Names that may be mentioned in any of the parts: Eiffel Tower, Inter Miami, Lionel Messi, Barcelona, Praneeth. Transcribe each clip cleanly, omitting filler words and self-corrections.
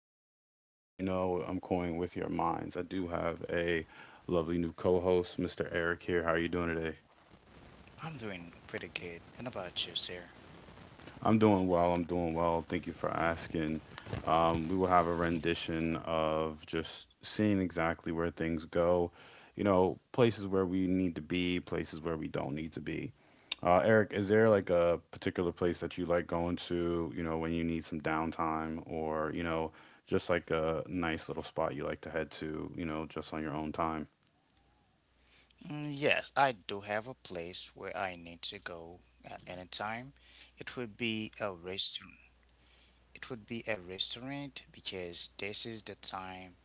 I'm coying with your minds. I do have a lovely new co host, Mr. Eric, here. How are you doing today? I'm doing pretty good. And about you, sir? I'm doing well. I'm doing well. Thank you for asking. We will have a rendition of just seeing exactly where things go, you know, places where we need to be, places where we don't need to be. Eric, is there like a particular place that you like going to, you know, when you need some downtime, or, you know, just like a nice little spot you like to head to, you know, just on your own time? Mm, yes, I do have a place where I need to go at any time. It would be a restaurant. It would be a restaurant because this is the time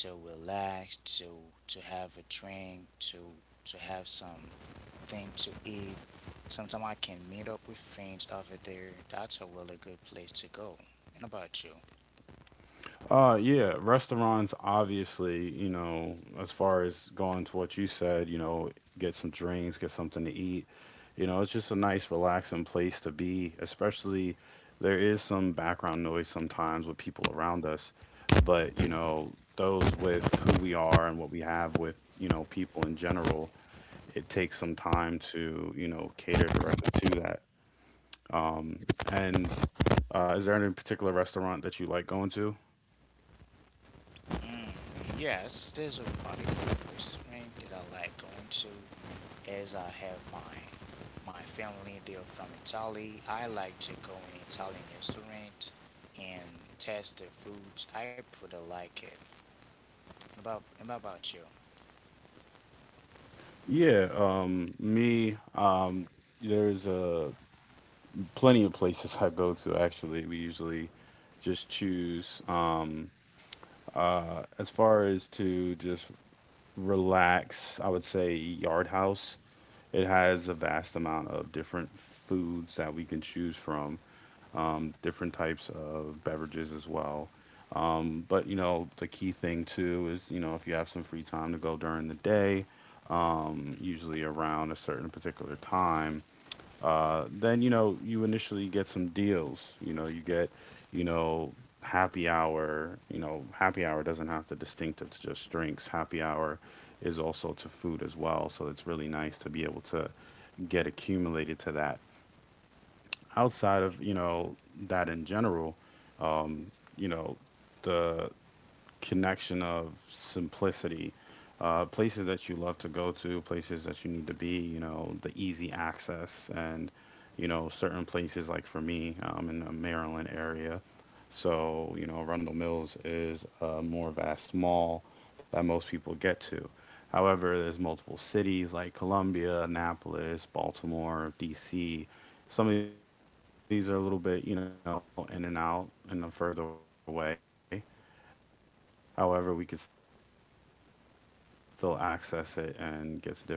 to relax, to have a drink, to have some thing to eat. Sometimes I can meet up with friends over there. That's a really good place to go. And about you? Yeah, restaurants, obviously, you know, as far as going to what you said, you know, get some drinks, get something to eat. You know, it's just a nice, relaxing place to be, especially there is some background noise sometimes with people around us. But, you know, those with who we are and what we have with, you know, people in general, it takes some time to, you know, cater directly to that. Um, and Is there any particular restaurant that you like going to? Yes, there's a particular restaurant that I like going to as I have my family, they're from Italy. I like to go in Italian restaurant and taste the foods. I pretty like it. About and about you? Yeah, me, there's Plenty of places I go to actually. We usually just choose. As far as to just relax, I would say Yard House. It has a vast amount of different foods that we can choose from, different types of beverages as well. But you know, the key thing too is, you know, if you have some free time to go during the day, usually around a certain particular time, then you know, you initially get some deals. You know, you get, you know, happy hour. You know, happy hour doesn't have to distinctive to just drinks. Happy hour is also to food as well. So it's really nice to be able to get accumulated to that. Outside of, you know, that in general, you know, the connection of simplicity, places that you love to go to, places that you need to be, you know, the easy access, and, you know, certain places like for me, I'm in the Maryland area. So, you know, Arundel Mills is a more vast mall that most people get to. However, there's multiple cities like Columbia, Annapolis, Baltimore, DC. Some of these are a little bit, you know, in and out in a further way. However, we could still access it and get to different places. For you, Eric, is there any particular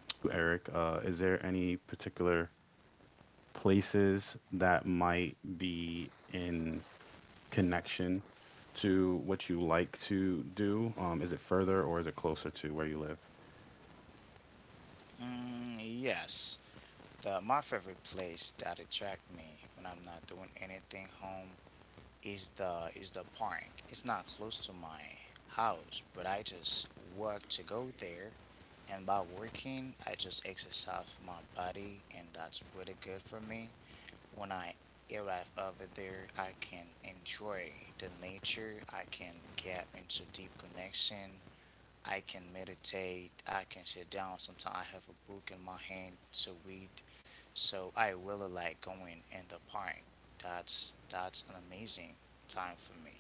places that might be in connection to what you like to do? Is it further or is it closer to where you live? Mm, yes, the my favorite place that attract me when I'm not doing anything home is the park. It's not close to my house, but I just work to go there. And by working, I just exercise my body, and that's pretty good for me. When I arrive over there, I can enjoy the nature, I can get into deep connection, I can meditate, I can sit down. Sometimes I have a book in my hand to read. So I really like going in the park. That's an amazing time for me.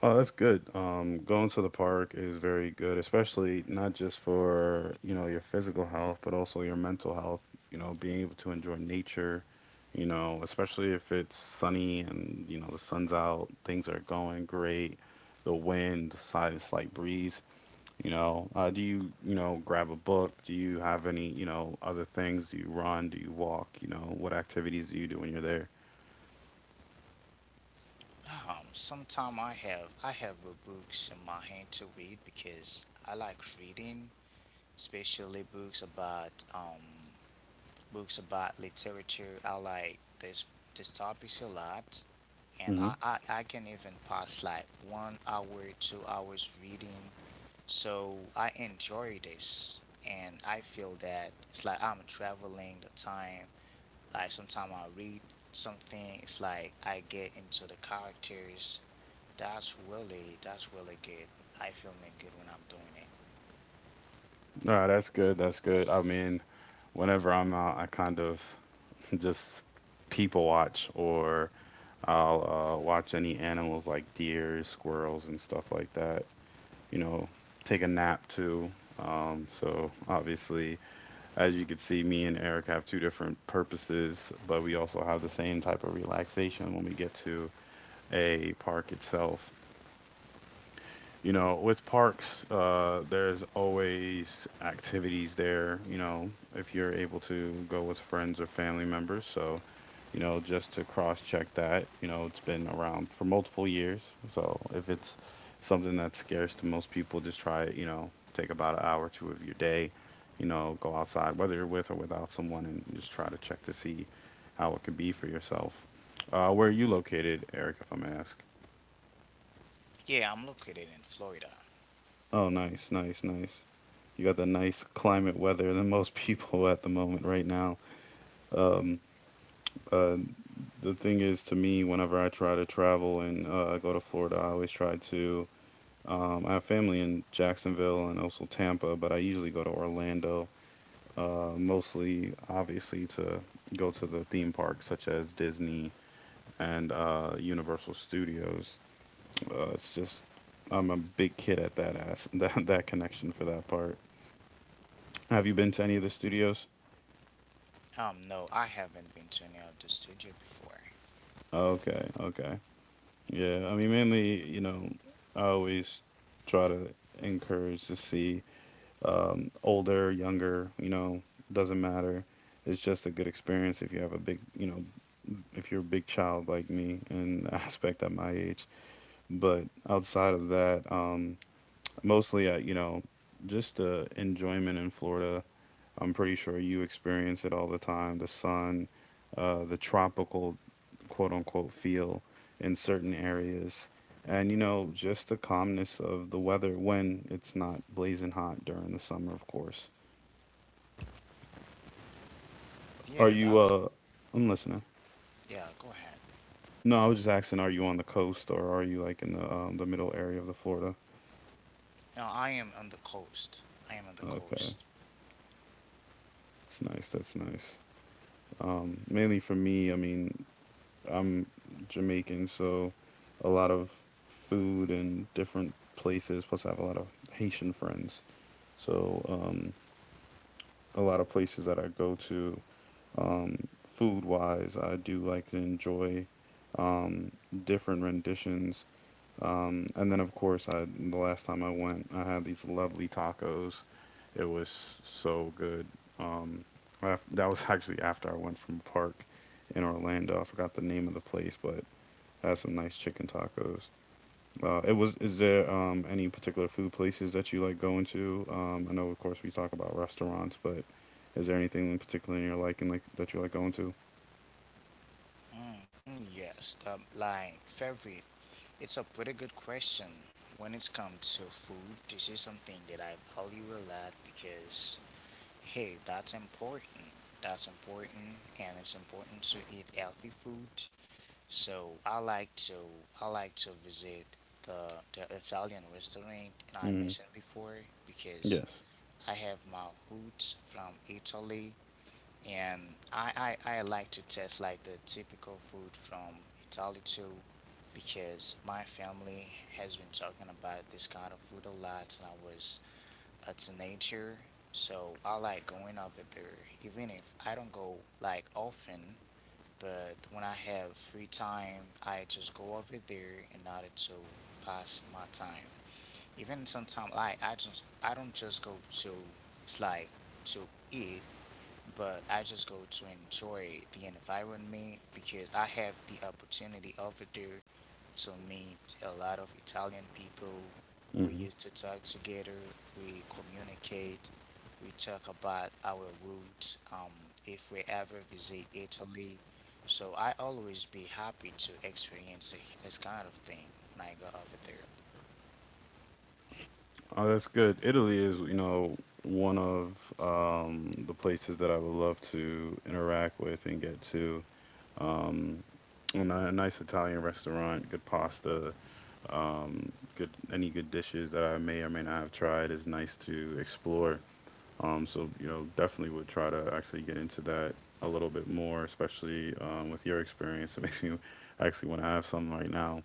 Oh, that's good. Going to the park is very good, especially not just for, you know, your physical health, but also your mental health, you know, being able to enjoy nature, you know, especially if it's sunny and, you know, the sun's out, things are going great, the wind, the side a slight breeze, you know. Do you, you know, grab a book? Do you have any, you know, other things? Do you run? Do you walk? You know, what activities do you do when you're there? Sometimes I have the books in my hand to read because I like reading, especially books about literature. I like this topics a lot, and I, Mm-hmm. I I can even pass like 1 hour, 2 hours reading. So I enjoy this, and I feel that it's like I'm traveling the time. Like sometimes I read something. It's like I get into the characters. That's really good. I feel me good when I'm doing it. No, that's good. That's good. I mean, whenever I'm out, I kind of just people watch, or I'll watch any animals like deer, squirrels, and stuff like that. You know, take a nap too. So obviously, as you can see, me and Eric have two different purposes, but we also have the same type of relaxation when we get to a park itself. You know, with parks, there's always activities there, you know, if you're able to go with friends or family members. So, you know, just to cross check that, you know, it's been around for multiple years. So if it's something that's scarce to most people, just try it, you know, take about an hour or two of your day, you know, go outside, whether you're with or without someone, and just try to check to see how it could be for yourself. Where are you located, Eric, if I may ask? Yeah, I'm located in Florida. Oh, nice, nice, nice. You got the nice climate weather than most people at the moment right now. Um, uh, the thing is, to me, whenever I try to travel and I go to Florida, I always try to. I have family in Jacksonville and also Tampa, but I usually go to Orlando, mostly, obviously, to go to the theme parks such as Disney and Universal Studios. It's just, I'm a big kid at that ass, that connection for that part. Have you been to any of the studios? No, I haven't been to any of the studio before. Okay, okay. Yeah, I mean, mainly, you know, I always try to encourage to see older, younger, you know, doesn't matter. It's just a good experience if you have a big, you know, if you're a big child like me in the aspect at my age. But outside of that, mostly I, you know, just the enjoyment in Florida. I'm pretty sure you experience it all the time. The sun, the tropical quote unquote feel in certain areas. And you know, just the calmness of the weather when it's not blazing hot during the summer, of course. Are Yeah, you that's I'm listening. yeah. Go ahead. No, I was just asking, are you on the coast or are you like in the middle area of the Florida? Now I am on the coast. I am on the Okay. coast. It's nice, that's nice. Mainly for me, I mean, I'm Jamaican, so a lot of food and different places, plus I have a lot of Haitian friends. So, a lot of places that I go to. Um, Food wise, I do like to enjoy um, different renditions. And then, of course, I the last time I went, I had these lovely tacos. It was so good. Um, af That was actually after I went from a park in Orlando. I forgot the name of the place, but I had some nice chicken tacos. Is there any particular food places that you like going to? I know of course we talk about restaurants, but is there anything in particular you're liking like that you like going to? Mm, mm, yes, the like favorite. It's a pretty good question. When it comes to food, this is something that I value a lot because hey, that's important. That's important, and it's important to eat healthy food. So I like to visit the Italian restaurant, and I hmm mentioned before because Yes. I have my roots from Italy, and I like to test like the typical food from Italy too, because my family has been talking about this kind of food a lot and I was a teenager. So I like going over there, even if I don't go like often. But when I have free time, I just go over there in order to pass my time. Even sometimes, like I don't just go to, it's like, to eat, but I just go to enjoy the environment because I have the opportunity over there to meet a lot of Italian people. We hmm used to talk together, we communicate, we talk about our roots, if we ever visit Italy. So I always be happy to experience this kind of thing when I go over there. Oh, that's good. Italy is, you know, one of the places that I would love to interact with and get to. Um, a nice Italian restaurant, good pasta, good any good dishes that I may or may not have tried is nice to explore. So, you know, definitely would try to actually get into that a little bit more, especially with your experience. It makes me actually want to have some right now.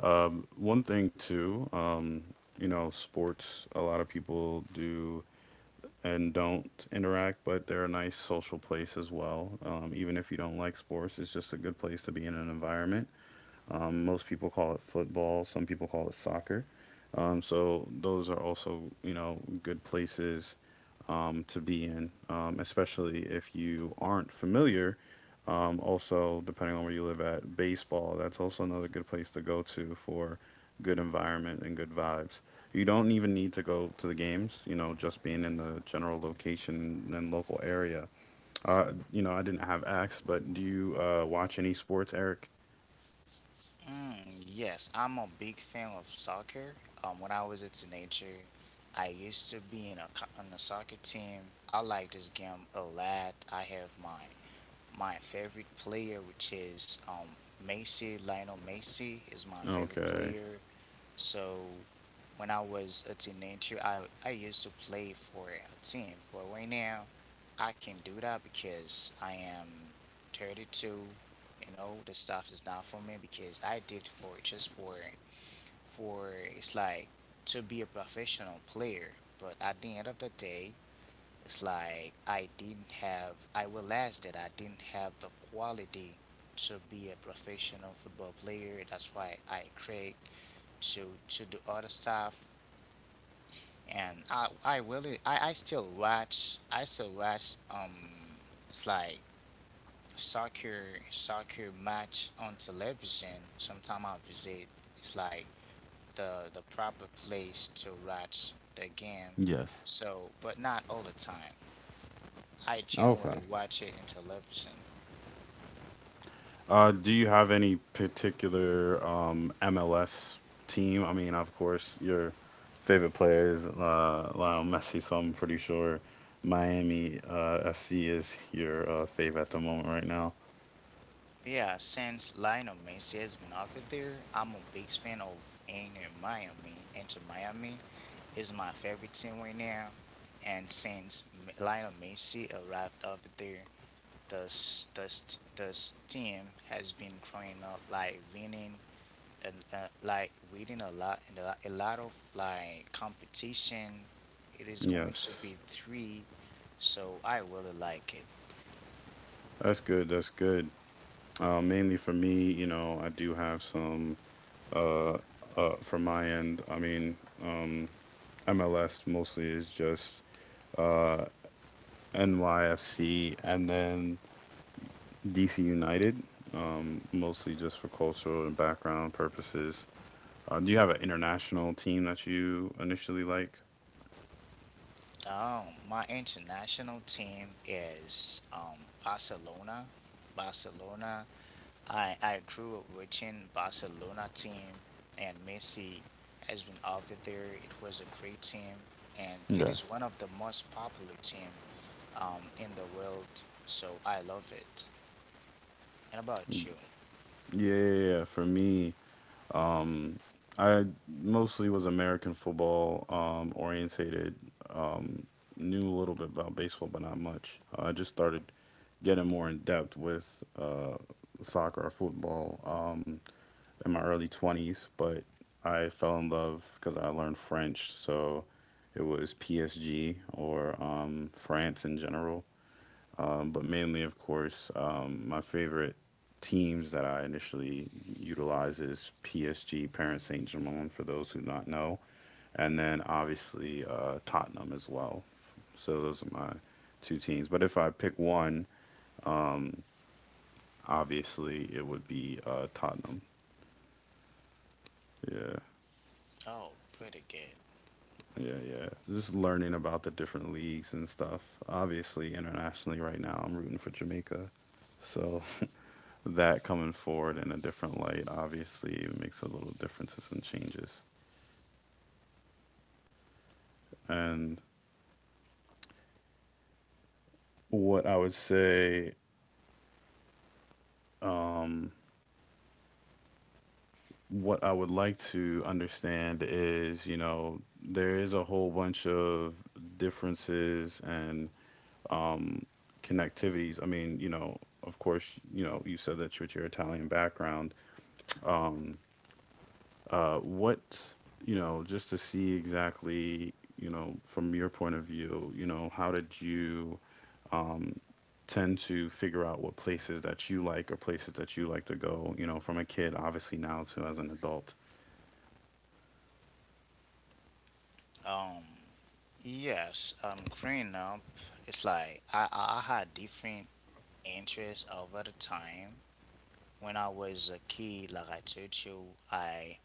Um, one thing too, um, you know, sports, a lot of people do and don't interact, but they're a nice social place as well. Even if you don't like sports, it's just a good place to be in an environment most people call it football, some people call it soccer. So those are also, you know, good places to be in, especially if you aren't familiar. Also, depending on where you live at, baseball, that's also another good place to go to for good environment and good vibes. You don't even need to go to the games, you know, just being in the general location and local area. You know, I didn't have asked, but do you watch any sports, Eric? Mm, yes, I'm a big fan of soccer. When I was a teenager, I used to be on a soccer team. I like this game a lot. I have my favorite player, which is Messi. Lionel Messi is my favorite Okay. player. So when I was a teenager, I used to play for a team, but right now I can't do that because I am 32. You know, the stuff is not for me because I did for just for it's like to be a professional player. But at the end of the day, it's like I didn't have. I realized that I didn't have the quality to be a professional football player. That's why I create to do other stuff, and I really I still watch it's like soccer soccer match on television. Sometimes I visit. It's like the proper place to watch the game. Yes. So, but not all the time. I generally Okay. watch it in television. Do you have any particular MLS team? I mean, of course, your favorite player is Lionel Messi, so I'm pretty sure Miami FC is your fave at the moment right now. Yeah, since Lionel Messi has been over there, I'm a big fan of Inter Miami. Inter Miami is my favorite team right now, and since Lionel Messi arrived over there, the team has been growing up, like winning, and like winning a lot and a lot of like competition. It is going to Yes, be three, so I really like it. that's good. That's good. Mainly for me, you know, I do have some uh, from my end. I mean, um, MLS mostly is just uh, NYFC, and then DC United, mostly just for cultural and background purposes. Do you have an international team that you initially like? Um, my international team is Barcelona. Barcelona. I grew up watching Barcelona team, and Messi has been over there. It was a great team, and it is Yes. one of the most popular team in the world. So I love it. And about you? Yeah, Yeah. Yeah. For me, um, I mostly was American football orientated. Um, Knew a little bit about baseball, but not much. I just started getting more in depth with uh, soccer or football. In my early 20s, but I fell in love because I learned French. So it was PSG or France in general. But mainly, of course, my favorite teams that I initially utilize is PSG, Paris Saint Germain, for those who not know, and then obviously Tottenham as well. So those are my two teams. But if I pick one, um, obviously it would be Tottenham. Yeah. Oh, pretty good. Yeah, yeah. Just learning about the different leagues and stuff. Obviously, internationally right now, I'm rooting for Jamaica. So that coming forward in a different light obviously makes a little differences and changes. And what I would say, um, what I would like to understand is, you know, there is a whole bunch of differences and um, connectivities. I mean, you know, of course, you know, you said that with your Italian background um what, you know, just to see exactly, you know, from your point of view, you know, how did you um, tend to figure out what places that you like or places that you like to go, you know, from a kid, obviously now to as an adult? Um, yes. Growing up, it's like I had different interests over the time. When I was a kid, like I told you, I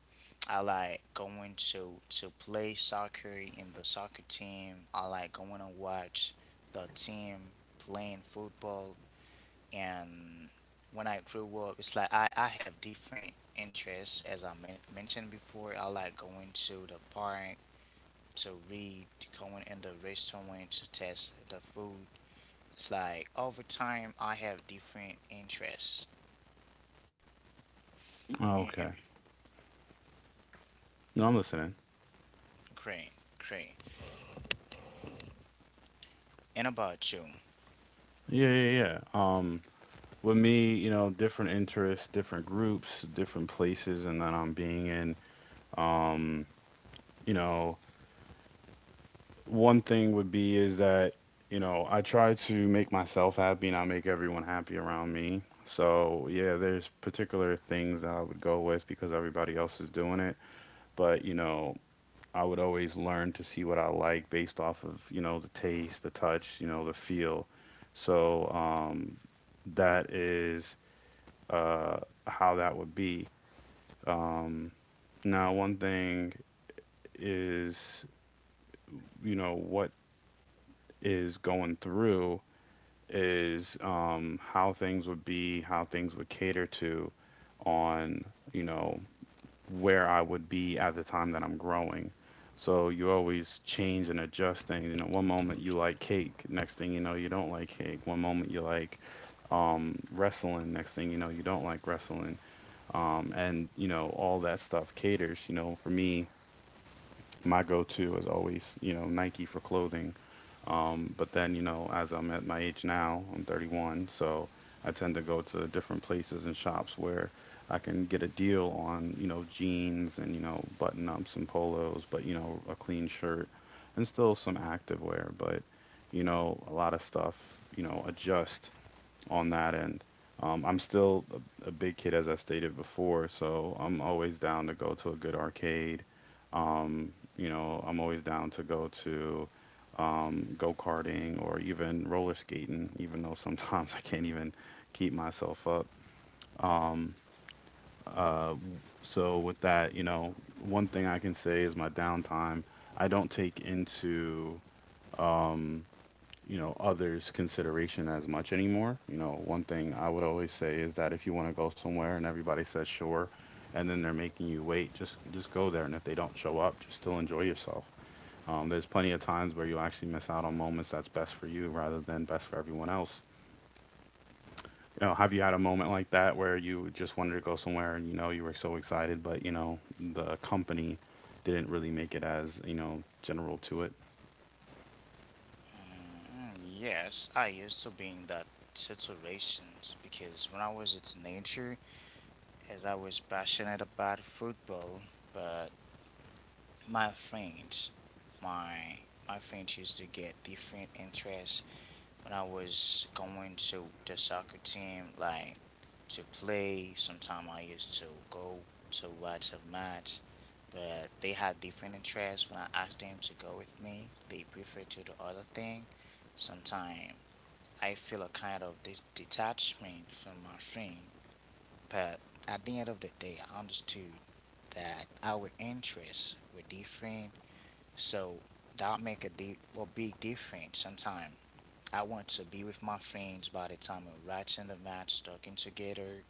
I like going to play soccer in the soccer team. I like going to watch the team playing football. And when I grew up, it's like I have different interests as I mentioned before. I like going to the park to read, going in the restaurant to test the food. It's like over time I have different interests. Oh, Eh, eh, okay. No, I'm listening. Great, great. And about you? Yeah, yeah, yeah. With me, you know, different interests, different groups, different places, and that I'm being in. Um, you know, one thing would be is that you know I try to make myself happy and I make everyone happy around me. So yeah, there's particular things that I would go with because everybody else is doing it. But you know, I would always learn to see what I like based off of, you know, the taste, the touch, you know, the feel. So that is uh how that would be. um Now one thing is, you know what is going through is how things would be, how things would cater to on, you know, where I would be at the time that I'm growing. So you always change and adjust things. You know, one moment you like cake, next thing you know, you don't like cake. One moment you like wrestling, next thing you know, you don't like wrestling. And, you know, all that stuff caters. You know, for me, my go-to is always, you know, Nike for clothing. But then, you know, as I'm at my age now, I'm 31, so I tend to go to different places and shops where I can get a deal on, you know, jeans and, you know, button-ups and polos, but, you know, a clean shirt and still some active wear, but, you know, a lot of stuff, you know, adjust on that end. I'm still a big kid, as I stated before, so I'm always down to go to a good arcade. You know, I'm always down to go to go-karting or even roller skating, even though sometimes I can't even keep myself up. Um, so with that, you know, one thing I can say is my downtime. I don't take into um, you know, others consideration as much anymore. You know, one thing I would always say is that if you want to go somewhere and everybody says sure and then they're making you wait, just go there. And if they don't show up, just still enjoy yourself. There's plenty of times where you actually miss out on moments that's best for you rather than best for everyone else. You know, have you had a moment like that where you just wanted to go somewhere and you know you were so excited, but you know the company didn't really make it as you know general to it? Mm, yes, I used to be in that situations because when I was a teenager, as I was passionate about football, but my friends, my my friends used to get different interests when I was going to the soccer team, like to play. Sometimes I used to go to watch a match. But they had different interests. When I asked them to go with me, they prefer to the other thing. Sometimes I feel a kind of this detachment from my friend, but at the end of the day, I understood that our interests were different, so that make a big difference. Sometimes I want to be with my friends by the time we're watching the match, talking together,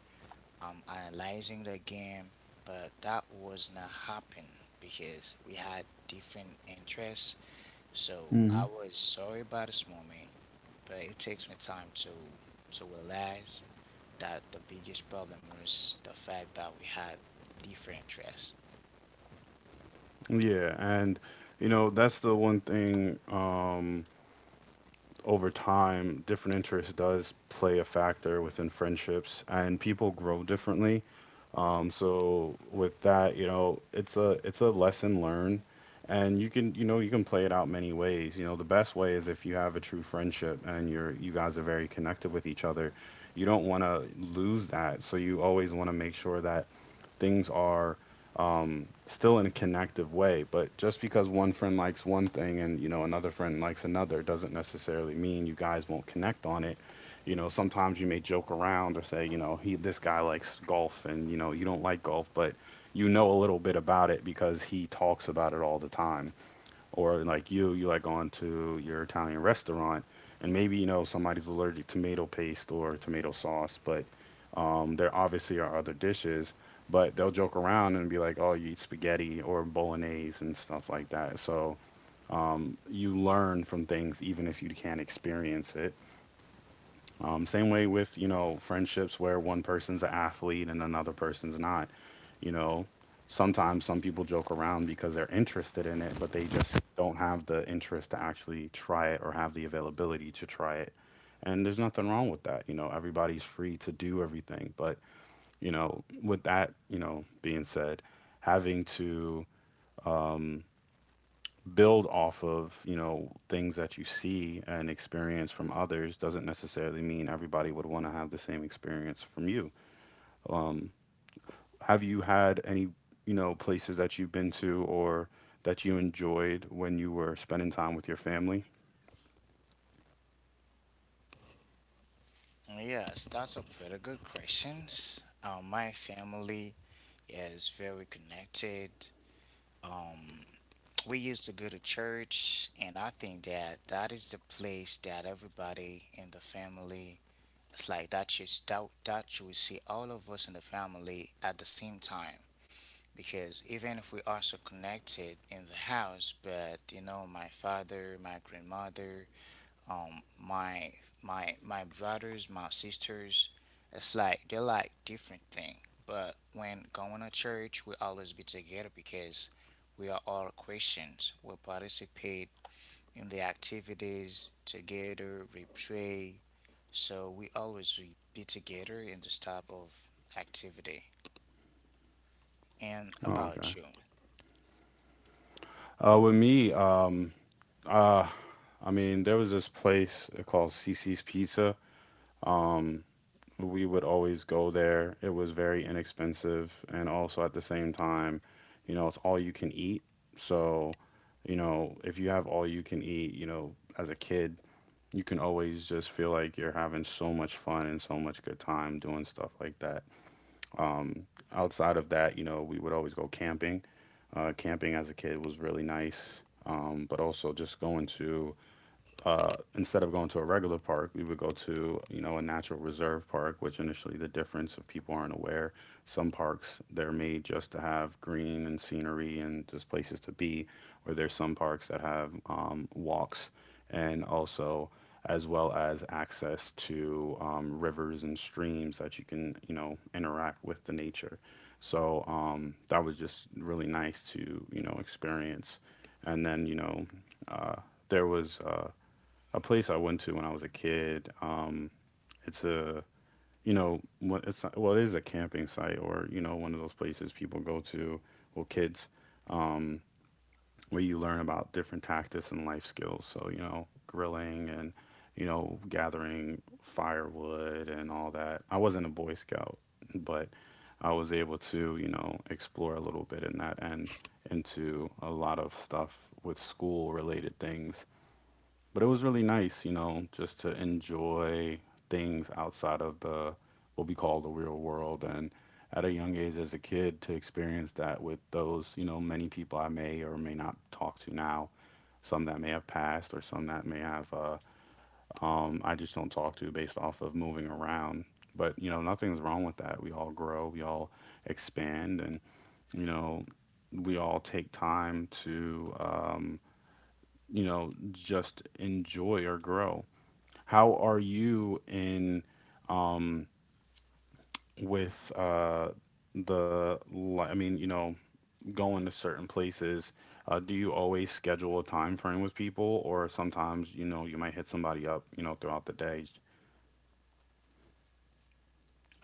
I'm analyzing the game, but that was not happening because we had different interests. So I was sorry about this moment, but it takes me time to realize that the biggest problem was the fact that we had different interests. Yeah, and you know, that's the one thing, over time different interests does play a factor within friendships and people grow differently. So with that, you know, it's a lesson learned. And you can, you know, you can play it out many ways. You know, the best way is if you have a true friendship and you guys are very connected with each other. You don't want to lose that. So you always want to make sure that things are still in a connective way. But just because one friend likes one thing and you know another friend likes another doesn't necessarily mean you guys won't connect on it. You know, sometimes you may joke around or say, you know, he this guy likes golf and you know you don't like golf, but you know a little bit about it because he talks about it all the time. Or like you like going to your Italian restaurant, and maybe you know somebody's allergic to tomato paste or tomato sauce, but there obviously are other dishes, but they'll joke around and be like, "Oh, you eat spaghetti or bolognese and stuff like that." So you learn from things even if you can't experience it. Same way with, you know, friendships where one person's an athlete and another person's not. You know, sometimes some people joke around because they're interested in it, but they just don't have the interest to actually try it or have the availability to try it. And there's nothing wrong with that. You know, everybody's free to do everything. But, you know, with that, you know, being said, having to, um, build off of you know things that you see and experience from others doesn't necessarily mean everybody would want to have the same experience from you. um, have you had any, you know, places that you've been to or that you enjoyed when you were spending time with your family? Yes, that's a pretty good question. My family is very connected. Um, we used to go to church, and I think that that is the place that everybody in the family, it's like that you will see all of us in the family at the same time. Because even if we are so connected in the house, but you know, my father, my grandmother, um my my brothers, my sisters, it's like they are like different thing. But when going to church, we always be together because we are all Christians. We participate in the activities together, we pray, so we be together in this type of activity. And Oh, okay. about you? With me, uh, I mean there was this place called CC's Pizza. um, we would always go there. It was very inexpensive, and also at the same time, you know, it's all you can eat. So, you know, if you have all you can eat, you know, as a kid, you can always just feel like you're having so much fun and so much good time doing stuff like that. Um, Outside of that, you know, we would always go camping. Camping as a kid was really nice, but also just going to instead of going to a regular park, we would go to, you know, a natural reserve park, which initially the difference, if people aren't aware, some parks they're made just to have green and scenery and just places to be, or there's some parks that have walks and also as well as access to rivers and streams that you can, you know, interact with the nature. So that was just really nice to, you know, experience. And then, you know, uh, there was a place I went to when I was a kid. It's a you know what- it's not, well it is a camping site or you know one of those places people go to, well kids, um, where you learn about different tactics and life skills. So you know grilling and you know gathering firewood and all that. I wasn't a Boy Scout, but I was able to you know explore a little bit in that end into a lot of stuff with school related things, but it was really nice, you know, just to enjoy things outside of the what we call the real world. And at a young age as a kid, to experience that with those, you know, many people I may or may not talk to now, some that may have passed or some that may have, I just don't talk to based off of moving around. But, you know, nothing's wrong with that. We all grow, we all expand, and, you know, we all take time to, you know, just enjoy or grow. How are you in um with the li- I mean, you know, going to certain places, do you always schedule a time frame with people or sometimes, you know, you might hit somebody up, you know, throughout the day?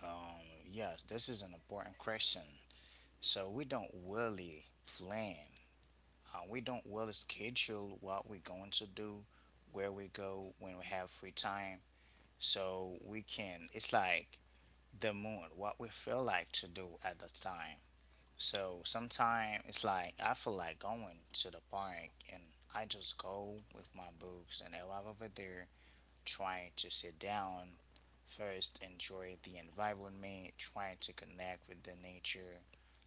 um yes, this is an important question. So we don't really plan. We don't really schedule what we're going to do, where we go, when we have free time. So we can, it's like the mood, what we feel like to do at the time. So sometimes it's like I feel like going to the park and I just go with my books and I arrive over there, trying to sit down, first enjoy the environment, trying to connect with the nature,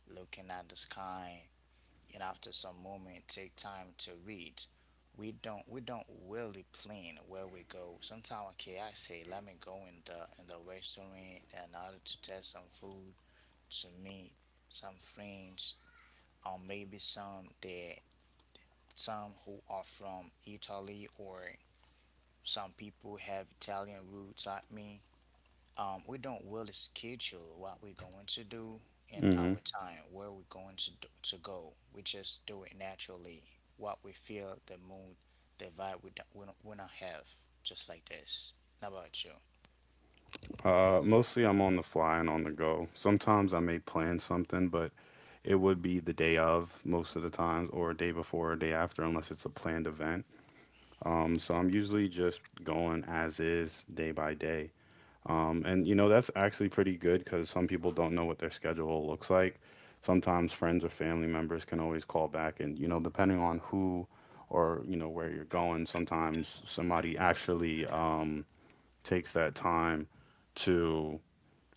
looking at the sky, and after some moment take time to read. We don't really plan where we go. Sometimes okay, I say let me go in the restaurant in order to test some food, to meet some friends, or maybe some who are from Italy or some people have Italian roots like me, we don't really schedule what we're going to do in Hmm. our time, where we're going to do, to go. We just do it naturally, what we feel, the mood, the vibe, we don't have, just like this. How about you? Mostly I'm on the fly and on the go. Sometimes I may plan something, but it would be the day of most of the times, or a day before, or day after, unless it's a planned event. So I'm usually just going as is, day by day. And you know, that's actually pretty good because some people don't know what their schedule looks like. Sometimes friends or family members can always call back, and you know, depending on who or you know where you're going, sometimes somebody actually takes that time to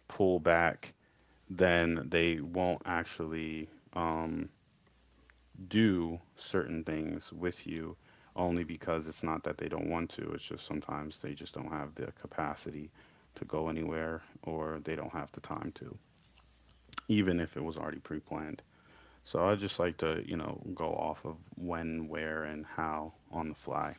pull back, then they won't actually. Do certain things with you only because it's not that they don't want to. It's just sometimes they just don't have the capacity to go anywhere or they don't have the time to, even if it was already pre planned. So I just like to, you know, go off of when, where, and how on the fly.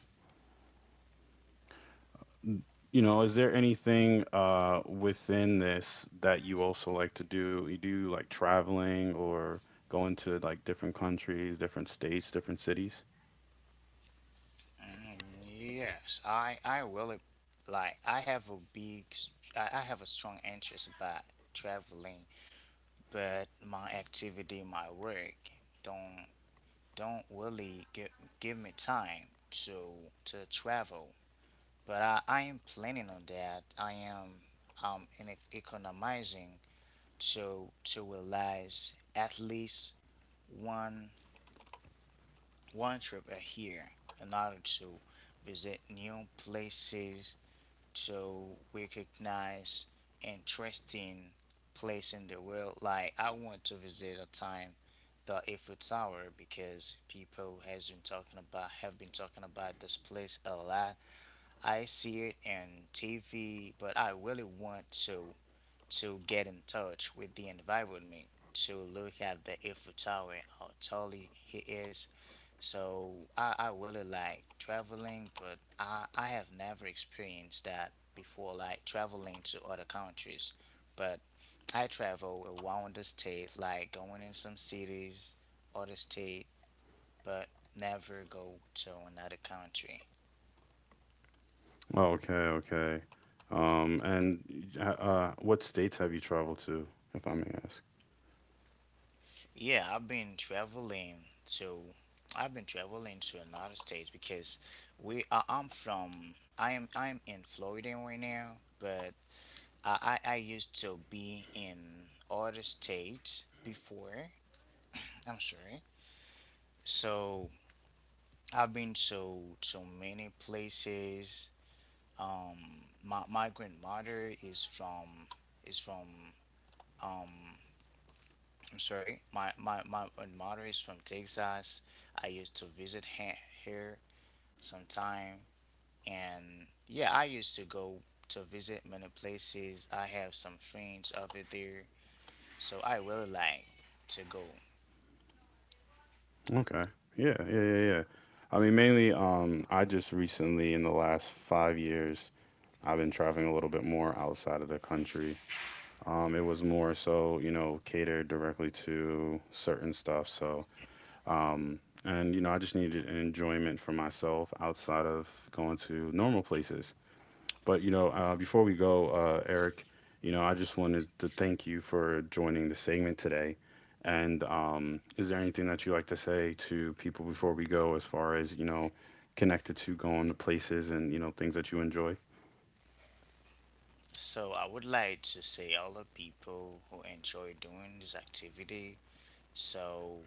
You know, is there anything within this that you also like to do? You do like traveling or going to like different countries, different states, different cities? Mm, yes, I really like, I have a strong interest about traveling, but my activity, my work don't don't really give me time to travel. But I am planning on that. I am in economizing to realize at least one one trip a year in order to visit new places, to recognize interesting place in the world. Like I want to visit a time the Eiffel Tower because people has been talking about have been talking about this place a lot. I see it in TV, but I really want to get in touch with the environment, to look at the Eiffel Tower, how tall it is. So I really like traveling, but I have never experienced that before, like traveling to other countries. But I travel around the state, like going in some cities, other state, but never go to another country. Oh, okay, okay. And what states have you traveled to, if I may ask? Yeah, to I've been traveling to another states because we I, I'm from I am I'm in Florida right now, but I used to be in other states before. I'm sorry. So I've been to so many places. Um, my grandmother is from, is from um I'm sorry, my mother is from Texas. I used to visit here sometime, and yeah, I used to go to visit many places. I have some friends over there, so I really like to go. Okay. Yeah, yeah, yeah, yeah. I mean, mainly, I just recently, in the last 5 years, I've been traveling a little bit more outside of the country. It was more so, you know, catered directly to certain stuff. So, and you know, I just needed an enjoyment for myself outside of going to normal places. But you know, before we go, Eric, you know, I just wanted to thank you for joining the segment today. And is there anything that you like to say to people before we go, as far as you know, connected to going to places and you know things that you enjoy? So I would like to say all the people who enjoy doing this activity. So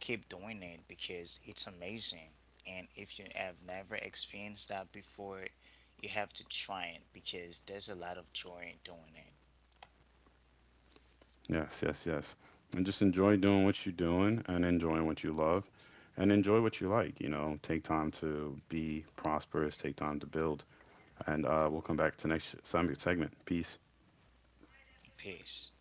keep doing it because it's amazing. And if you have never experienced that before, you have to try it because there's a lot of joy in doing it. Yes, yes, yes. And just enjoy doing what you're doing and enjoying what you love, and enjoy what you like. You know, take time to be prosperous, take time to build, and we'll come back to next segment. Peace. Peace.